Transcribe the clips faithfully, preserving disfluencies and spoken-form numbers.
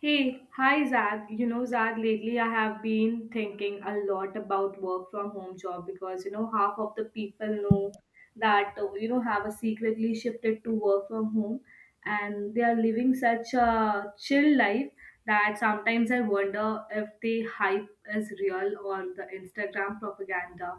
Hey, hi Zad. You know, Zad, lately I have been thinking a lot about work from home job because, you know, half of the people know that, uh, you know, have a secretly shifted to work from home, and they are living such a chill life that sometimes I wonder if the hype is real or the Instagram propaganda.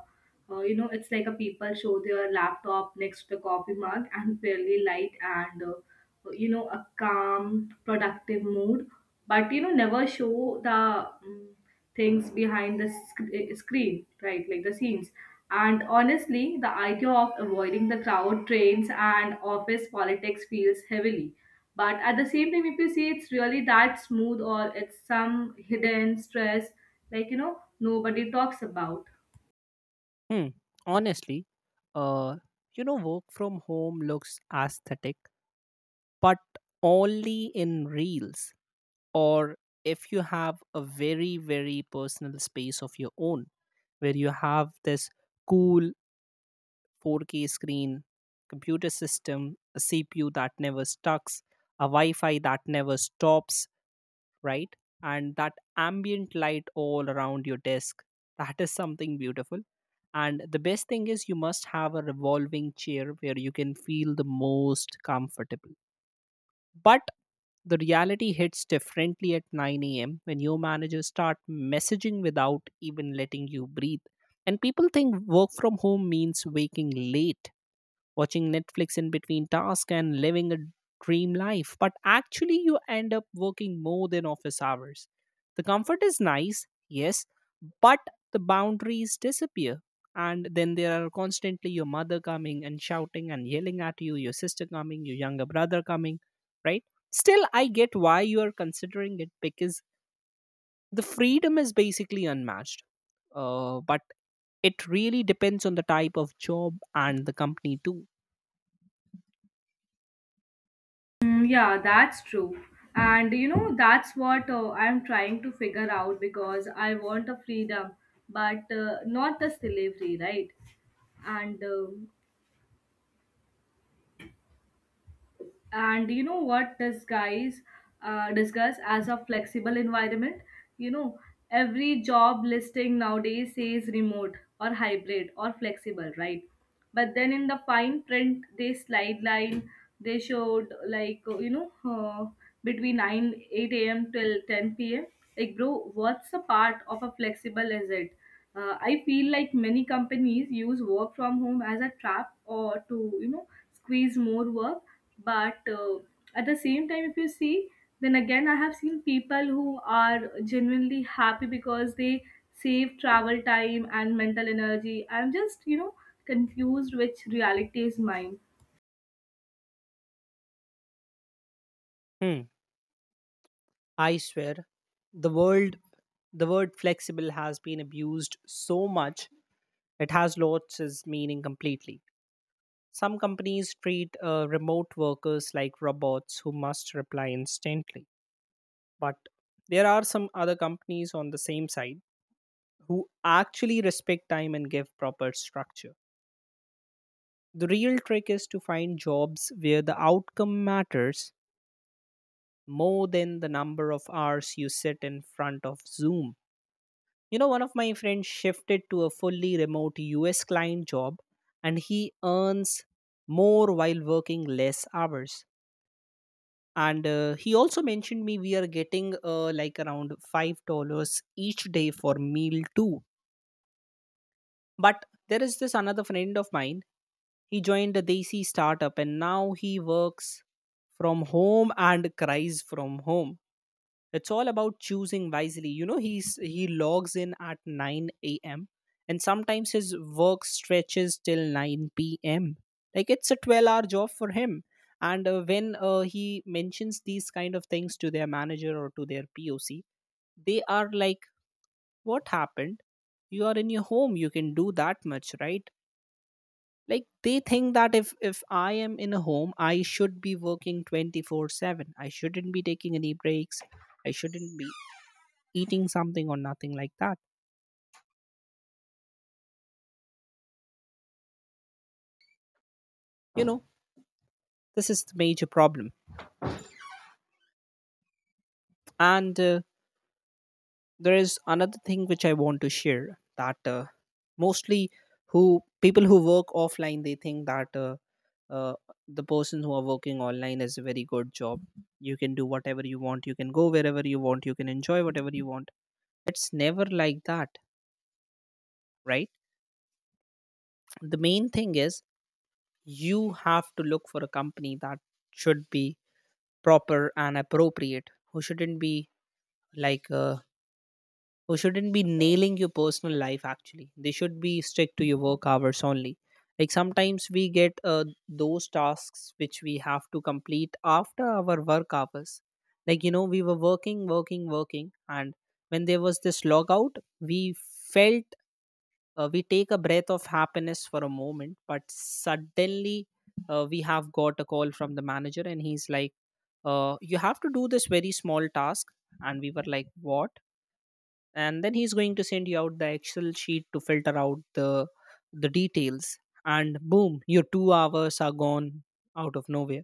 Uh, you know, it's like a people show their laptop next to the coffee mug and fairly light, and, uh, you know, a calm, productive mood, but, you know, never show the um, things behind the sc- eh, screen, right? Like the scenes. And honestly, the idea of avoiding the crowd, trains, and office politics feels heavily. But at the same time, if you see it's really that smooth or it's some hidden stress, like, you know, nobody talks about. Hmm. Honestly, uh, you know, work from home looks aesthetic, but only in reels, or if you have a very, very personal space of your own where you have this cool four K screen, computer system, a C P U that never stucks, a Wi Fi that never stops, right? And that ambient light all around your desk, that is something beautiful. And the best thing is, you must have a revolving chair where you can feel the most comfortable. But the reality hits differently at nine a m when your managers start messaging without even letting you breathe. And people think work from home means waking late, watching Netflix in between tasks and living a dream life. But actually, you end up working more than office hours. The comfort is nice, yes, but the boundaries disappear. And then there are constantly your mother coming and shouting and yelling at you, your sister coming, your younger brother coming, right? Still, I get why you are considering it because the freedom is basically unmatched. Uh, but it really depends on the type of job and the company too. Mm, yeah, that's true. And you know, that's what uh, I'm trying to figure out, because I want a freedom, but uh, not the slavery, right? And um and you know what disguise uh, discuss as a flexible environment. you know every job listing nowadays says remote or hybrid or flexible, right? But then in the fine print they slide line, they showed, like, you know uh, between nine, eight a.m till ten p.m. Like, bro, what's a part of a flexible, is it? uh, I feel like many companies use work from home as a trap or to, you know squeeze more work. But uh, at the same time, if you see, then again, I have seen people who are genuinely happy because they save travel time and mental energy. I'm just, you know confused which reality is mine. Hmm. I swear, the world the word flexible has been abused so much, it has lost its meaning completely. Some companies treat uh, remote workers like robots who must reply instantly, but there are some other companies on the same side who actually respect time and give proper structure. The real trick is to find jobs where the outcome matters more than the number of hours you sit in front of Zoom. You know, one of my friends shifted to a fully remote U S client job and he earns more while working less hours. And uh, he also mentioned me we are getting uh, like around five dollars each day for meal too. But there is this another friend of mine. He joined a Desi startup and now he works from home and cries from home. It's all about choosing wisely, you know. He's he logs in at nine a.m and sometimes his work stretches till nine p.m, like it's a twelve hour job for him. And uh, when uh, he mentions these kind of things to their manager or to their poc, they are like, what happened? You are in your home, you can do that much, right? Like they think that if if I am in a home I should be working twenty-four seven, I shouldn't be taking any breaks, I shouldn't be eating something, or nothing like that. You know, this is the major problem. And uh, there is another thing which I want to share, that uh, mostly who people who work offline, they think that uh, uh, the person who are working online is a very good job. You can do whatever you want. You can go wherever you want. You can enjoy whatever you want. It's never like that, right? The main thing is you have to look for a company that should be proper and appropriate, who shouldn't be like a who shouldn't be nailing your personal life. Actually, they should be strict to your work hours only. Like sometimes we get uh, those tasks which we have to complete after our work hours. Like, you know, we were working working working, and when there was this logout, we felt, uh, we take a breath of happiness for a moment, but suddenly uh, we have got a call from the manager and he's like, uh, you have to do this very small task. And we were like, what? And then he's going to send you out the excel sheet to filter out the the details, and boom, your two hours are gone out of nowhere.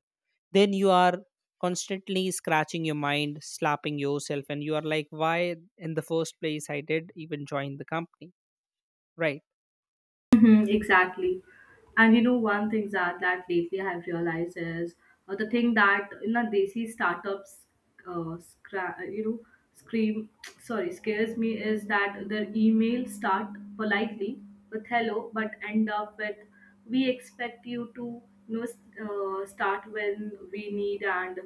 Then you are constantly scratching your mind, slapping yourself, and you are like, why in the first place I did even join the company, right? Mhm, exactly. And you know, one thing that, that lately I've realized is, uh, the thing that in a desi startups, uh, scra- uh, you know, scream, sorry, scares me, is that their email start politely with hello, but end up with, we expect you to, you know s- uh, start when we need, and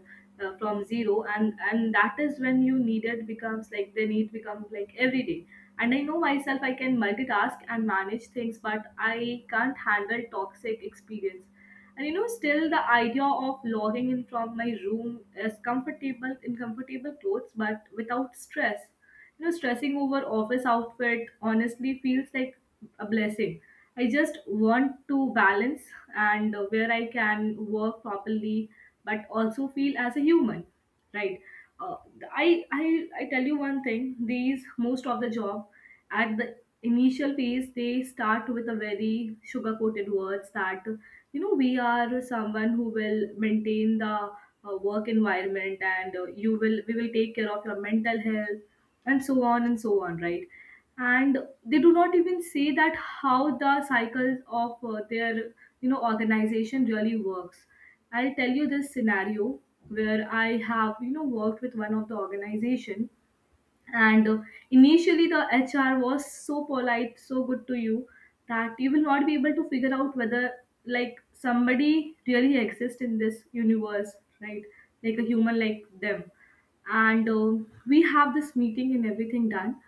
uh, from zero, and and that is when you need it, becomes like the need becomes like every day. And I know myself, I can multitask and manage things, but I can't handle toxic experience. And you know still the idea of logging in from my room is comfortable, in comfortable clothes but without stress, you know stressing over office outfit honestly feels like a blessing. I just want to balance, and uh, where I can work properly but also feel as a human, right uh, i i i tell you one thing, these most of the job, at the initial phase, they start with a very sugar coated words that, you know we are someone who will maintain the uh, work environment, and uh, you will we will take care of your mental health, and so on and so on, right? And they do not even say that how the cycles of uh, their, you know organization really works. I'll tell you this scenario where I have, you know worked with one of the organization. And uh, initially the H R was so polite, so good to you, that you will not be able to figure out whether like somebody really exists in this universe, right? Like a human, like them. And uh, we have this meeting and everything done,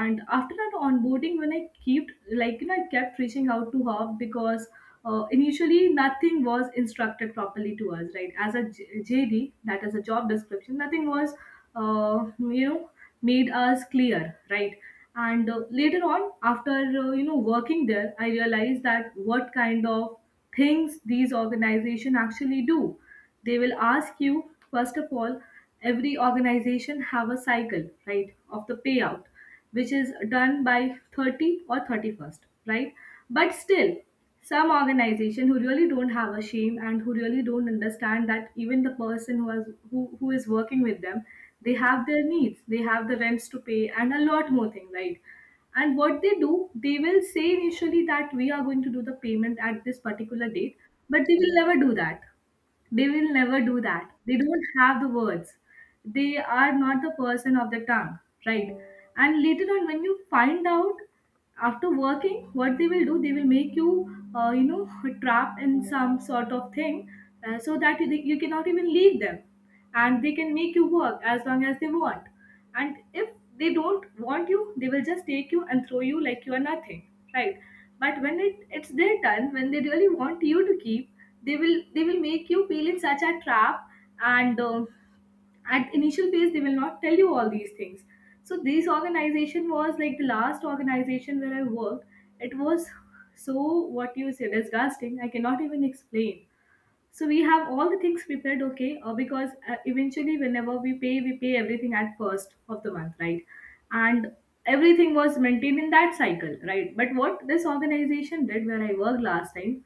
and after that onboarding, when I kept like you know I kept reaching out to her. Because uh, initially nothing was instructed properly to us, right? As a J- jd, that is a job description, nothing was uh, you know made us clear, right? And uh, later on, after uh, you know working there, I realized that what kind of things these organization actually do. They will ask you, first of all, every organization have a cycle, right, of the payout, which is done by thirty or thirty-first, right? But still, some organization who really don't have a shame, and who really don't understand that even the person who has who, who is working with them, they have their needs, they have the rents to pay, and a lot more thing, right? And what they do, they will say initially that we are going to do the payment at this particular date, but they will never do that. They will never do that. They don't have the words. They are not the person of the tongue, right? And later on, when you find out, after working, what they will do, they will make you, uh, you know, trapped in some sort of thing, uh, so that you, you cannot even leave them, and they can make you work as long as they want. And if they don't want you, they will just take you and throw you like you are nothing, right? But when it, it's their turn, when they really want you to keep, they will they will make you feel in such a trap. And um at initial phase, they will not tell you all these things. So this organization was like the last organization where I worked. It was so, what you say, disgusting. I cannot even explain. So we have all the things prepared, okay, uh, because uh, eventually whenever we pay we pay everything at first of the month, right? And everything was maintained in that cycle, right? But what this organization did where I worked last time,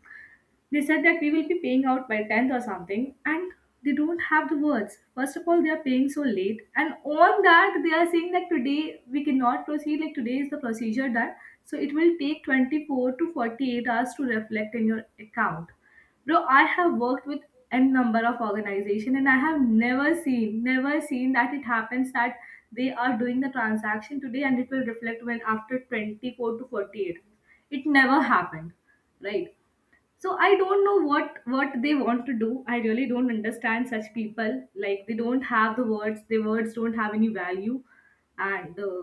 they said that we will be paying out by tenth or something, and they don't have the words. First of all, they are paying so late, and on that, they are saying that today we cannot proceed, like today is the procedure done, so it will take twenty-four to forty-eight hours to reflect in your account. Bro, I have worked with n number of organization, and I have never seen, never seen that it happens that they are doing the transaction today and it will reflect when after twenty-four to forty-eight. It never happened, right? So I don't know what what they want to do. I really don't understand such people. Like, they don't have the words, their words don't have any value. And uh,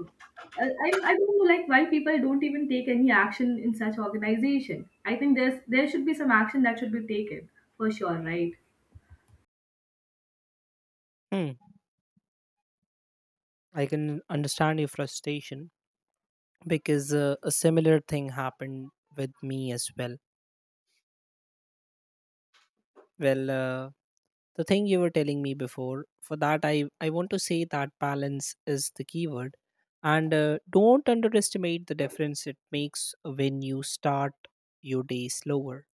I, I I don't know, like, why people don't even take any action in such organization. I think there's there should be some action that should be taken for sure, right? Hmm. I can understand your frustration, because uh, a similar thing happened with me as well. Well, uh, the thing you were telling me before, for that I I want to say that balance is the keyword, and uh, don't underestimate the difference it makes when you start your day slower,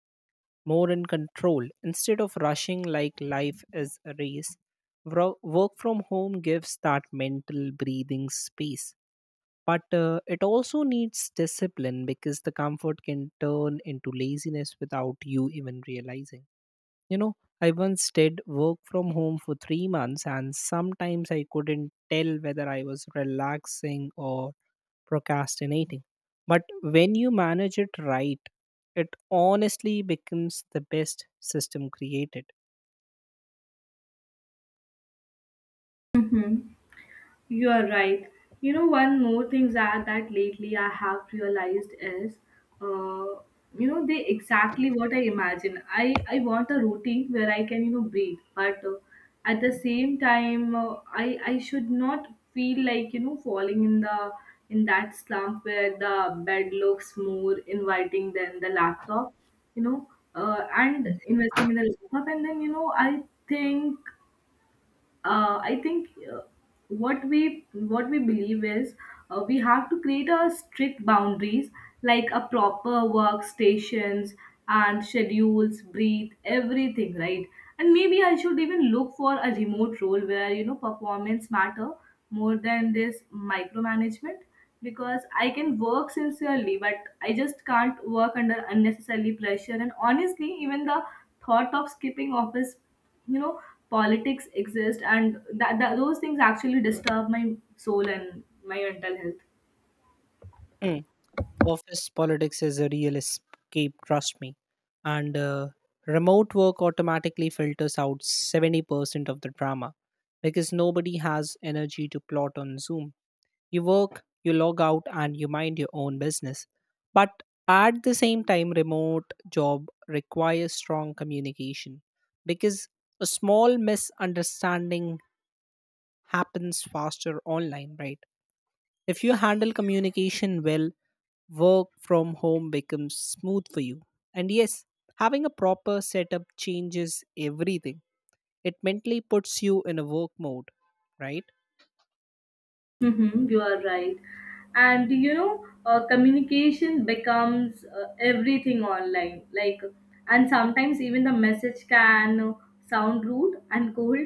more in control, instead of rushing like life is a race. Wro- Work from home gives that mental breathing space. But uh, it also needs discipline because the comfort can turn into laziness without you even realizing. You know, I once did work from home for three months, and sometimes I couldn't tell whether I was relaxing or procrastinating. But when you manage it right, it honestly becomes the best system created. Mhm. You are right. You know, one more thing that, that lately I have realized is, uh, you know, they exactly what I imagine. I, I want a routine where I can, you know, breathe, but uh, at the same time, uh, I, I should not feel like, you know, falling in the in that slump where the bed looks more inviting than the laptop, you know, uh, and investing in the laptop. And then, you know, I think uh, I think uh, what we what we believe is, uh, we have to create a strict boundaries, like a proper workstations and schedules, breathe, everything, right? And maybe I should even look for a remote role where, you know performance matter more than this micromanagement, because I can work sincerely, but I just can't work under unnecessary pressure. And honestly, even the thought of skipping office, you know politics exist, and that, that those things actually disturb my soul and my mental health. Mm. Office politics is a real escape, trust me. And uh, remote work automatically filters out seventy percent of the drama because nobody has energy to plot on Zoom. You work, you log out, and you mind your own business. But at the same time, remote job requires strong communication because a small misunderstanding happens faster online, right? If you handle communication well, work from home becomes smooth for you. And yes, having a proper setup changes everything. It mentally puts you in a work mode, right? Mm-hmm, you are right. And you know, uh, communication becomes uh, everything online. Like, and sometimes even the message can sound rude and cold,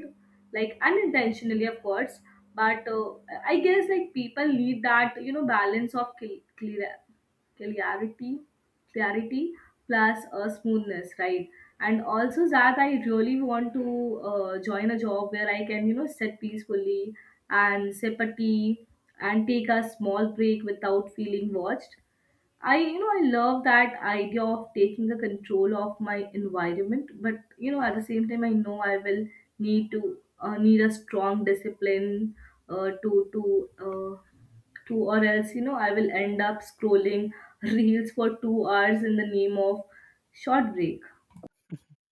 like, unintentionally, of course. But uh, I guess, like, people need that, you know, balance of cl- clear. Clarity clarity plus uh, smoothness, right? And also that I really want to uh, join a job where I can, you know sit peacefully, and sip a tea, and take a small break without feeling watched. I, you know, I love that idea of taking the control of my environment, but, you know, at the same time, I know I will need to uh, need a strong discipline, uh, to to uh, to, or else, you know, I will end up scrolling reels for two hours in the name of short break.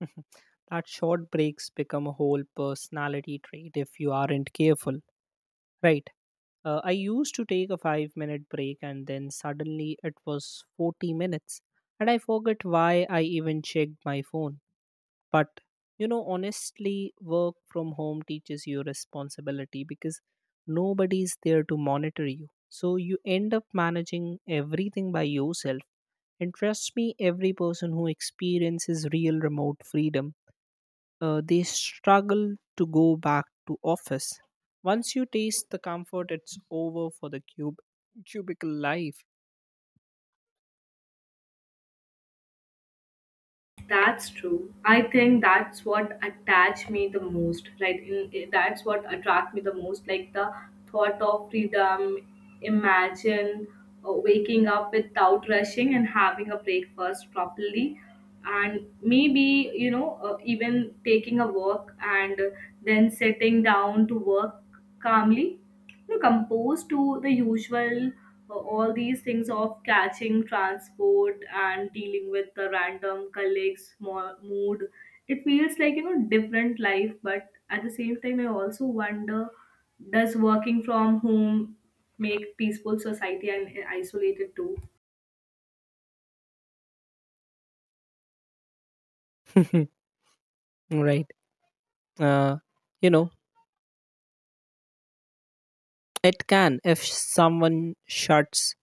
That short breaks become a whole personality trait if you aren't careful, right? uh, I used to take a five minute break and then suddenly it was forty minutes and I forget why I even checked my phone. But you know, honestly, work from home teaches you responsibility because nobody's there to monitor you, so you end up managing everything by yourself. And trust me, every person who experiences real remote freedom, uh, they struggle to go back to office. Once you taste the comfort, it's over for the cube cubicle life. That's true. I think that's what attached me the most, right? In, in- that's what attract me the most, like, the thought of freedom. Imagine uh, waking up without rushing and having a breakfast properly, and maybe, you know uh, even taking a walk and then sitting down to work calmly. Look, opposed to the usual, uh, all these things of catching transport and dealing with the random colleagues' mo- mood, it feels like, you know different life. But at the same time, I also wonder, does working from home make peaceful society and isolated too? Right. Uh, you know, it can, if someone shuts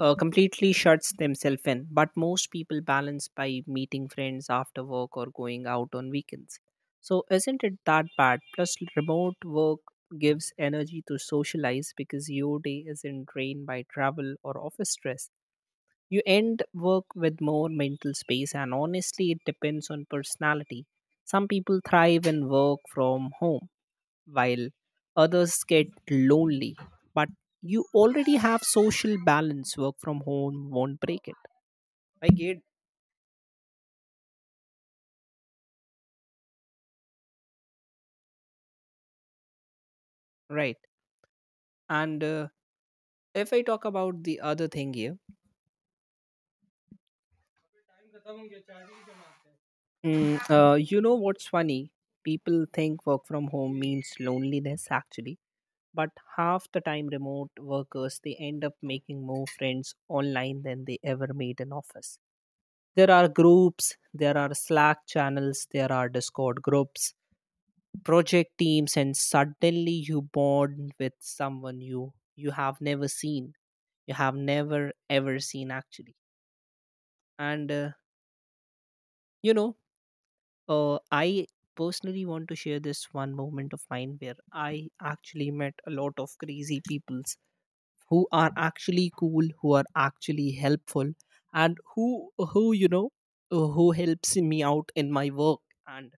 uh, completely shuts themselves in. But most people balance by meeting friends after work or going out on weekends. So isn't it that bad? Plus, remote work gives energy to socialize because your day isn't drained by travel or office stress. You end work with more mental space, and honestly, it depends on personality. Some people thrive and work from home, while others get lonely. But you already have social balance, work from home won't break it. I get right. And uh, if I talk about the other thing here, Mm, uh, you know what's funny? People think work from home means loneliness actually, but half the time remote workers, they end up making more friends online than they ever made in office. There are groups, there are slack channels, there are discord groups, project teams, and suddenly you bond with someone you you have never seen, you have never ever seen actually. And uh, you know uh, i personally want to share this one moment of mine where I actually met a lot of crazy people who are actually cool, who are actually helpful, and who who you know uh, who helps me out in my work and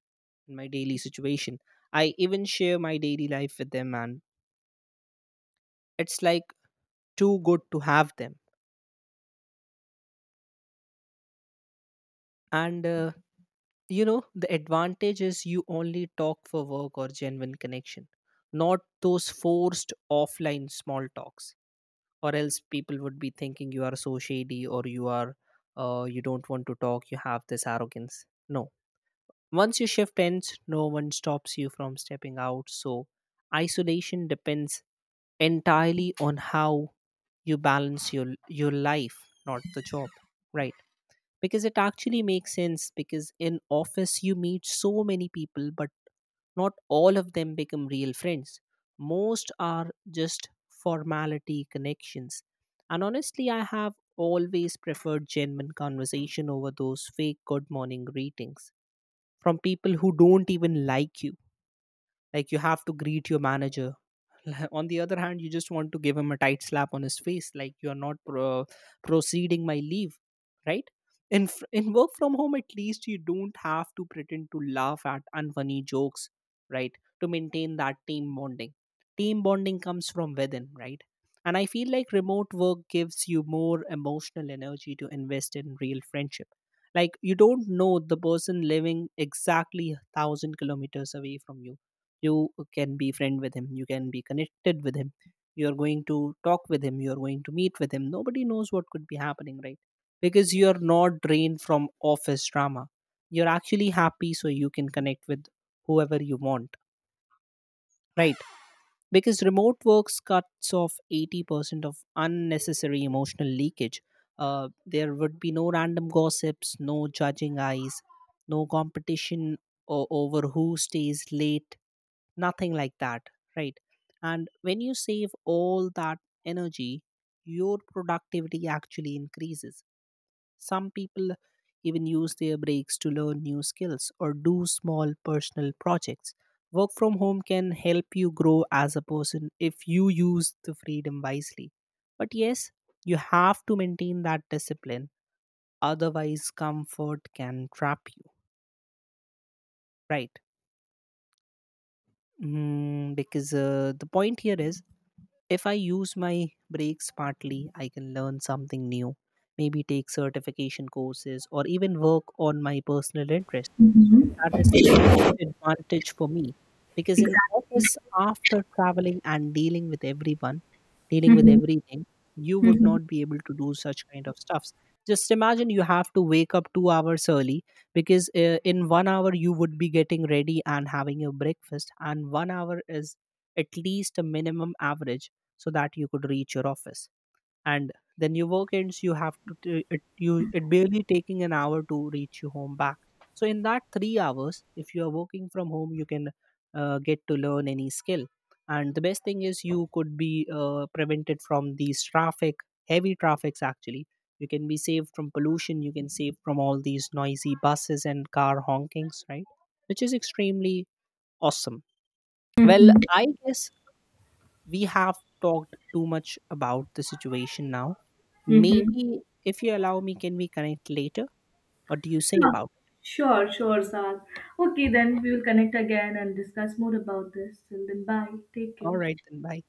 in my daily situation. I even share my daily life with them, and it's like too good to have them. And uh, you know The advantage is you only talk for work or genuine connection, not those forced offline small talks. Or else people would be thinking you are so shady, or you are uh, you don't want to talk, you have this arrogance. No, once your shift ends, no one stops you from stepping out. So isolation depends entirely on how you balance your your life, not the job, right? Because it actually makes sense, because in office you meet so many people, but not all of them become real friends. Most are just formality connections. And honestly, I have always preferred genuine conversation over those fake good morning greetings from people who don't even like you. Like you have to greet your manager. On the other hand, you just want to give him a tight slap on his face, like you are not pro- proceeding my leave, right? In fr- in work from home, at least you don't have to pretend to laugh at unfunny jokes, right, to maintain that team bonding. Team bonding comes from within, right? And I feel like remote work gives you more emotional energy to invest in real friendship. Like, you don't know the person living exactly a thousand kilometers away from you, you can be friend with him, you can be connected with him, you're going to talk with him, you're going to meet with him, nobody knows what could be happening, right? Because you're not drained from office drama, you're actually happy, so you can connect with whoever you want, right? Because remote works cuts off eighty percent of unnecessary emotional leakage. Uh, there would be no random gossips, no judging eyes, no competition o- over who stays late, nothing like that, right? And when you save all that energy, your productivity actually increases. Some people even use their breaks to learn new skills or do small personal projects. Work from home can help you grow as a person if you use the freedom wisely. But yes, you have to maintain that discipline, otherwise comfort can trap you, right? Mm, because uh, the point here is, if I use my breaks smartly, I can learn something new, maybe take certification courses or even work on my personal interests. Hmm. That is the biggest advantage for me, because in Exactly. office, after traveling and dealing with everyone, dealing with Mm-hmm. everything, you would not be able to do such kind of stuffs. Just imagine you have to wake up two hours early, because uh, in one hour you would be getting ready and having your breakfast, and one hour is at least a minimum average so that you could reach your office. And then your work ends, you have to t- it, you it barely taking an hour to reach you home back. So in that three hours, if you are working from home, you can uh, get to learn any skill. And the best thing is you could be uh, prevented from these traffic, heavy traffics actually. You can be saved from pollution, you can save from all these noisy buses and car honkings, right? Which is extremely awesome. Well, Mm-hmm. I guess we have talked too much about the situation now. Mm-hmm. Maybe if you allow me, can we connect later? What do you say Yeah. about it? Sure, sure, Sal. Okay, then we will connect again and discuss more about this. Till then, bye. Take All care. right, then bye.